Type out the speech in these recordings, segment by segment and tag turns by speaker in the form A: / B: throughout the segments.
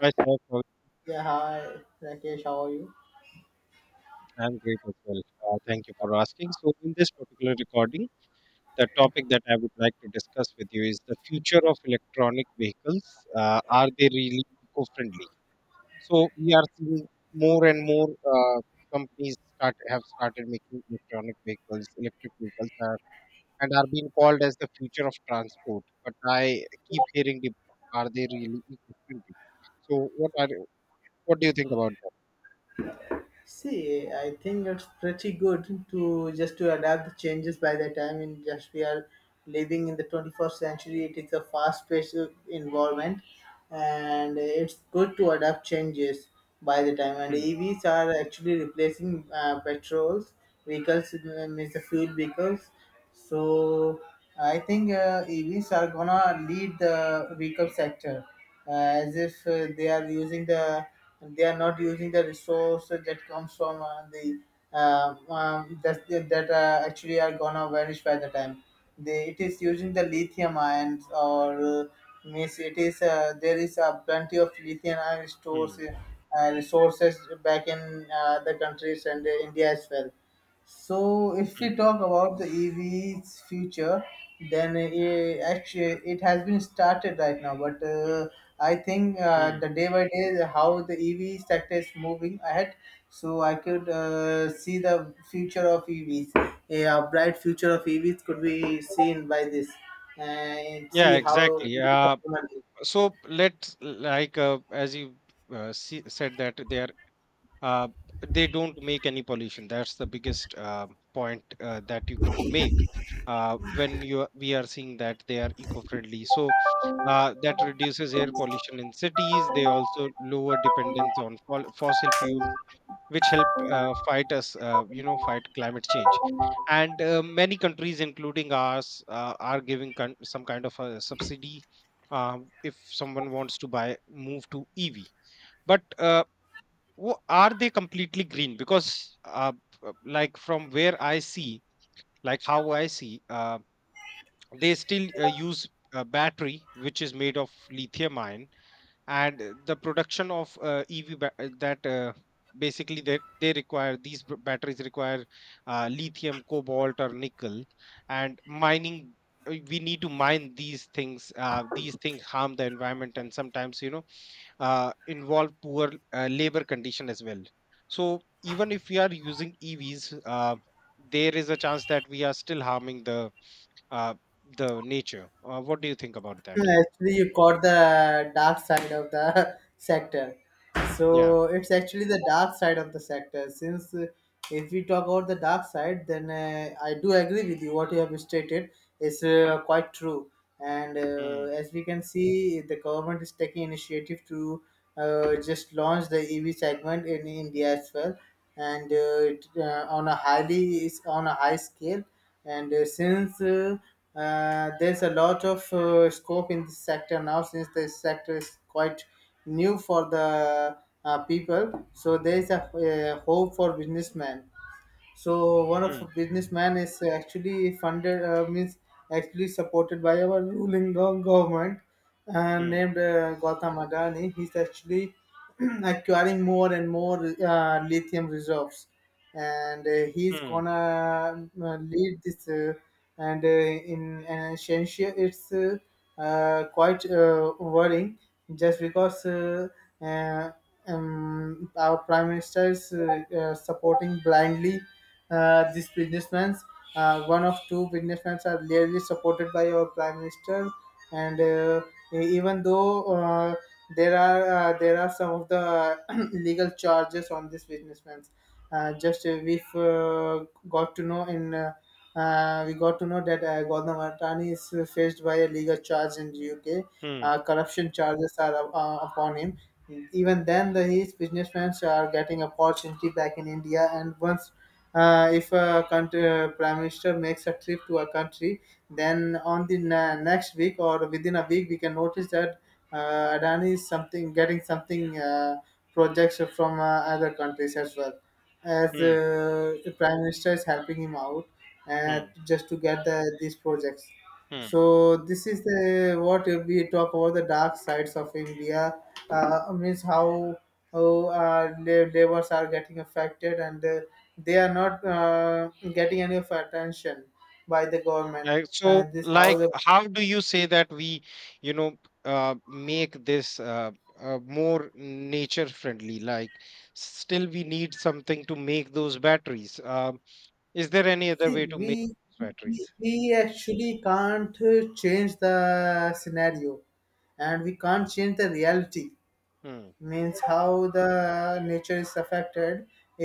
A: Myself, uh,
B: Yeah, hi, Rakesh, how are you?
A: I'm great as well. Thank you for asking. So, in this particular recording, the topic that I would like to discuss with you is the future of electronic vehicles. Are they really eco-friendly? So, we are seeing more and more companies start have started making electric vehicles, and are being called as the future of transport. But I keep hearing, are they really eco-friendly? So, what do you think about that?
B: See, I think it's pretty good to just to adapt the changes by the time in just we are living in the 21st century. It is a fast-paced environment, and it's good to adapt changes by the time. And
A: Hmm,
B: EVs are actually replacing petrols vehicles, means the fuel vehicles. So I think EVs are gonna lead the vehicle sector, as if they are not using the resource that comes from the that actually are gonna vanish by the time they it is using the lithium ions or means it is, there is plenty of lithium ion
A: hmm.
B: stores, resources back in the countries and India as well. So if we talk about the EV's future, then it has been started right now. But I think the day by day how the EV sector is moving ahead. So I could see the future of EVs. Yeah, a bright future of EVs could be seen by this and
A: Yeah,
B: see how.
A: exactly. So let's as you said that they are uh, they don't make any pollution. That's the biggest point that you could make when we are seeing that they are eco-friendly. So that reduces air pollution in cities. They also lower dependence on fossil fuels which help fight us, fight climate change and many countries including ours are giving some kind of a subsidy, if someone wants to buy move to ev, but are they completely green? Because like from where I see, like how I see, they still use a battery which is made of lithium ion. And the production of uh, EV ba- uh, that uh, basically they require these batteries require lithium, cobalt, or nickel, and mining. We need to mine these things. These things harm the environment and sometimes, you know, involve poor labor condition as well. So even if we are using EVs, there is a chance that we are still harming uh, the nature. What do you think about that?
B: Yeah, actually, you caught the dark side of the sector.
A: Yeah.
B: So it's actually the dark side of the sector. Since If we talk about the dark side, then I do agree with you. What you have stated is quite true. And
A: Mm,
B: as we can see, the government is taking initiative to just launch the EV segment in India as well, and on a high scale, and since there's a lot of scope in this sector now, since this sector is quite new for the people, so there's a hope for businessmen. So one of
A: mm,
B: businessman is actually funded, means actually supported by our ruling government, and
A: mm,
B: named Gautam Adani. He's actually acquiring more and more lithium reserves, and he's
A: mm.
B: gonna lead this. And In an essential, it's quite worrying just because. Uh, our prime minister is supporting blindly these businessmen. One of two businessmen are clearly supported by our prime minister, and e- even though there are some of the illegal charges on these businessmen. Just We got to know that Gautam Adani is faced by a legal charge in the UK.
A: Hmm.
B: Corruption charges are upon him, even then these businessmen are getting opportunity back in india, and once, if a country, prime minister makes a trip to a country, then on the na next week, or within a week, we can notice that adani is something getting something, projects from other countries as well, as
A: Hmm.
B: the prime minister is helping him out uh,
A: Hmm.
B: just to get these projects.
A: Hmm.
B: So this is the what we talk about the dark sides of India. Means how how laborers are getting affected, and they are not getting any of attention by the government.
A: Like, so,
B: And this how
A: like,
B: the
A: how do you say that we, you know, make this more nature friendly? Like, still we need something to make those batteries. Is there any other
B: see
A: way to
B: we
A: make those
B: we,
A: batteries?
B: we actually can't change the scenario, and we can't change the reality.
A: Hmm,
B: Means how the nature is affected.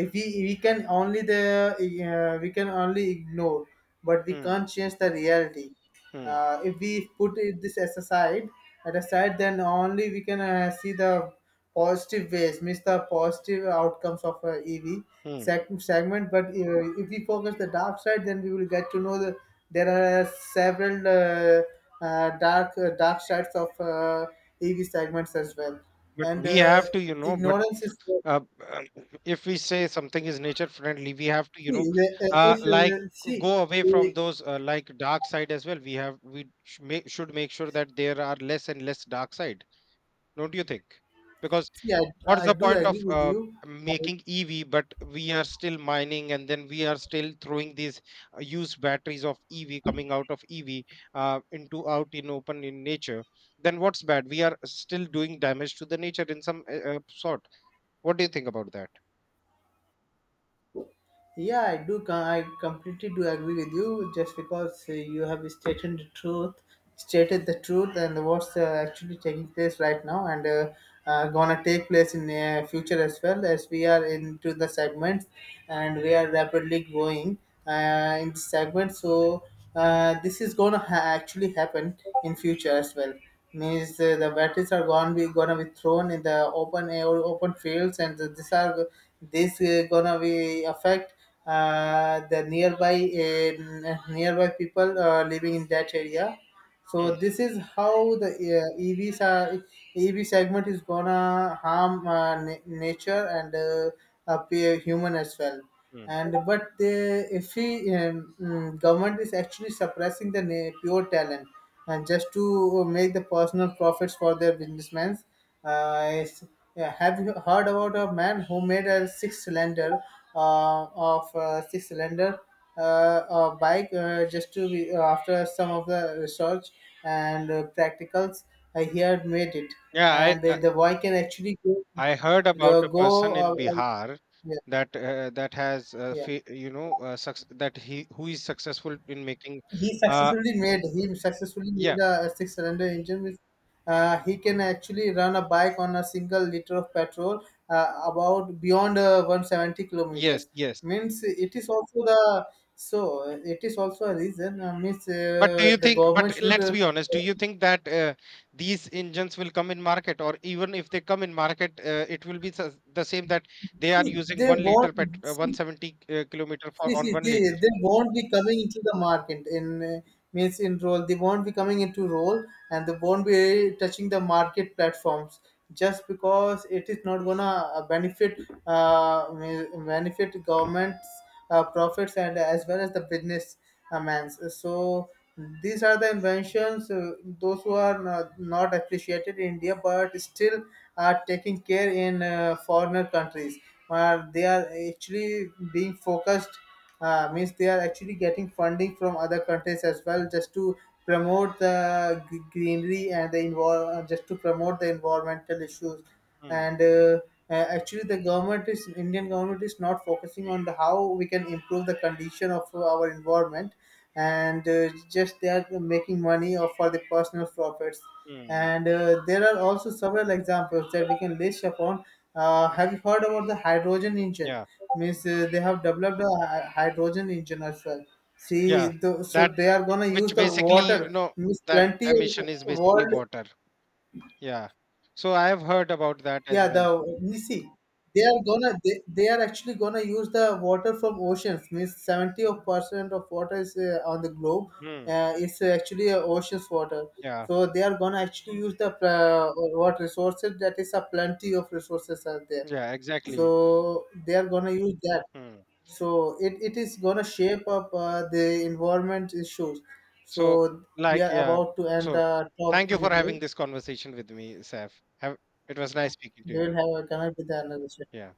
B: If we We can only the we can only ignore, but we
A: hmm,
B: can't change the reality.
A: hmm,
B: If we put this as aside at aside, then only we can see the positive ways. Means the positive outcomes of ev
A: hmm.
B: segment. But if we focus the dark side, then we will get to know that there are several dark sides of ev segments as well.
A: But
B: And
A: we have to, you know, but
B: Ignorance is
A: uh, uh, if we say something is nature friendly, we have to, you
B: see
A: know,
B: the-
A: uh,
B: if
A: like
B: see
A: go away
B: uh,
A: from those like dark side as well. We have we sh- make, should make sure that there are less and less dark side. Don't you think? Because
B: see I,
A: what's
B: I
A: the
B: do
A: point of
B: agree with you. Uh,
A: making ev, but we are still mining, and then we are still throwing these used batteries of ev coming out of ev into out in open in nature? Then what's bad, we are still doing damage to the nature in some sort. What do you think about that?
B: yeah, i I completely do agree with you, just because you have stated the truth, and what's actually taking place right now, and gonna take place in future as well, as we are into the segments and we are rapidly growing in the segment. So this is gonna actually happen in future as well. Means the batteries are gonna be thrown in the open air, open fields, and this gonna be affect the nearby nearby people living in that area. So
A: Mm,
B: this is how the EVs are EV segment is gonna harm nature, and appear human as well.
A: mm.
B: And but the if we government is actually suppressing the pure talent, and just to make the personal profits for their businessmen. uh, it's- yeah, have you heard about a man who made a six-cylinder uh, of six-cylinder bike, just to be, after some of the research and practicals, he had made it,
A: Yeah,
B: and
A: I, I
B: the boy can actually go
A: I heard
B: go,
A: about a
B: go
A: person
B: uh,
A: in
B: uh,
A: Bihar
B: yeah
A: that that has
B: yeah,
A: fa- you know suc- that he who is successful in making, uh,
B: he successfully
A: yeah,
B: made a six-cylinder engine with he can actually run a bike on a single liter of petrol, about beyond 170
A: yes,
B: kilometers.
A: yes.
B: Means it is also the. It is also a reason, means
A: But do you
B: the
A: think, but
B: government should
A: let's be honest, do you think that these engines will come in market, or even if they come in market, it will be the same, that they are
B: see
A: using
B: they
A: 1 liter
B: want
A: pet
B: see,
A: 170 kilometer for on 1 liter?
B: They won't be coming into the market in means in role. They won't be coming into role, and they won't be touching the market platforms, just because it is not gonna benefit benefit government's profits, and as well as the business man's. So these are the inventions. Those who are not appreciated in India, but still are taking care in foreigner countries, where they are actually being focused. Means they are actually getting funding from other countries as well, just to promote the greenery, and the just to promote the environmental issues.
A: Mm,
B: And Actually the government is, indian government is not focusing on the how we can improve the condition of our environment, and just they are making money or for the personal profits.
A: mm,
B: And there are also several examples that we can list upon. Have you heard about the hydrogen engine?
A: yeah.
B: Means they have developed a hydrogen engine as well.
A: Yeah,
B: So
A: that
B: they are gonna use
A: which,
B: the
A: basically, you
B: water.
A: know,
B: Means
A: that
B: plenty of
A: emission is basically
B: world.
A: water. Yeah. So I have heard about that as
B: Yeah,
A: well.
B: the you see, they
A: So,
B: are gonna, they are actually gonna use the water from oceans. Means 70 of percent of water is on the globe.
A: hmm,
B: Is actually oceans water.
A: yeah,
B: So they are gonna actually use the what resources, that is a plenty of resources are there.
A: yeah, exactly.
B: So they are gonna use that.
A: Hmm.
B: So it is going to shape up the environment issues. So
A: So,
B: we
A: like,
B: are
A: yeah.
B: about to end
A: So,
B: the top
A: thank you for
B: video.
A: having this conversation with me, Saf. Have, it was nice speaking to
B: We
A: you.
B: will have a connect with the another session.
A: Yeah.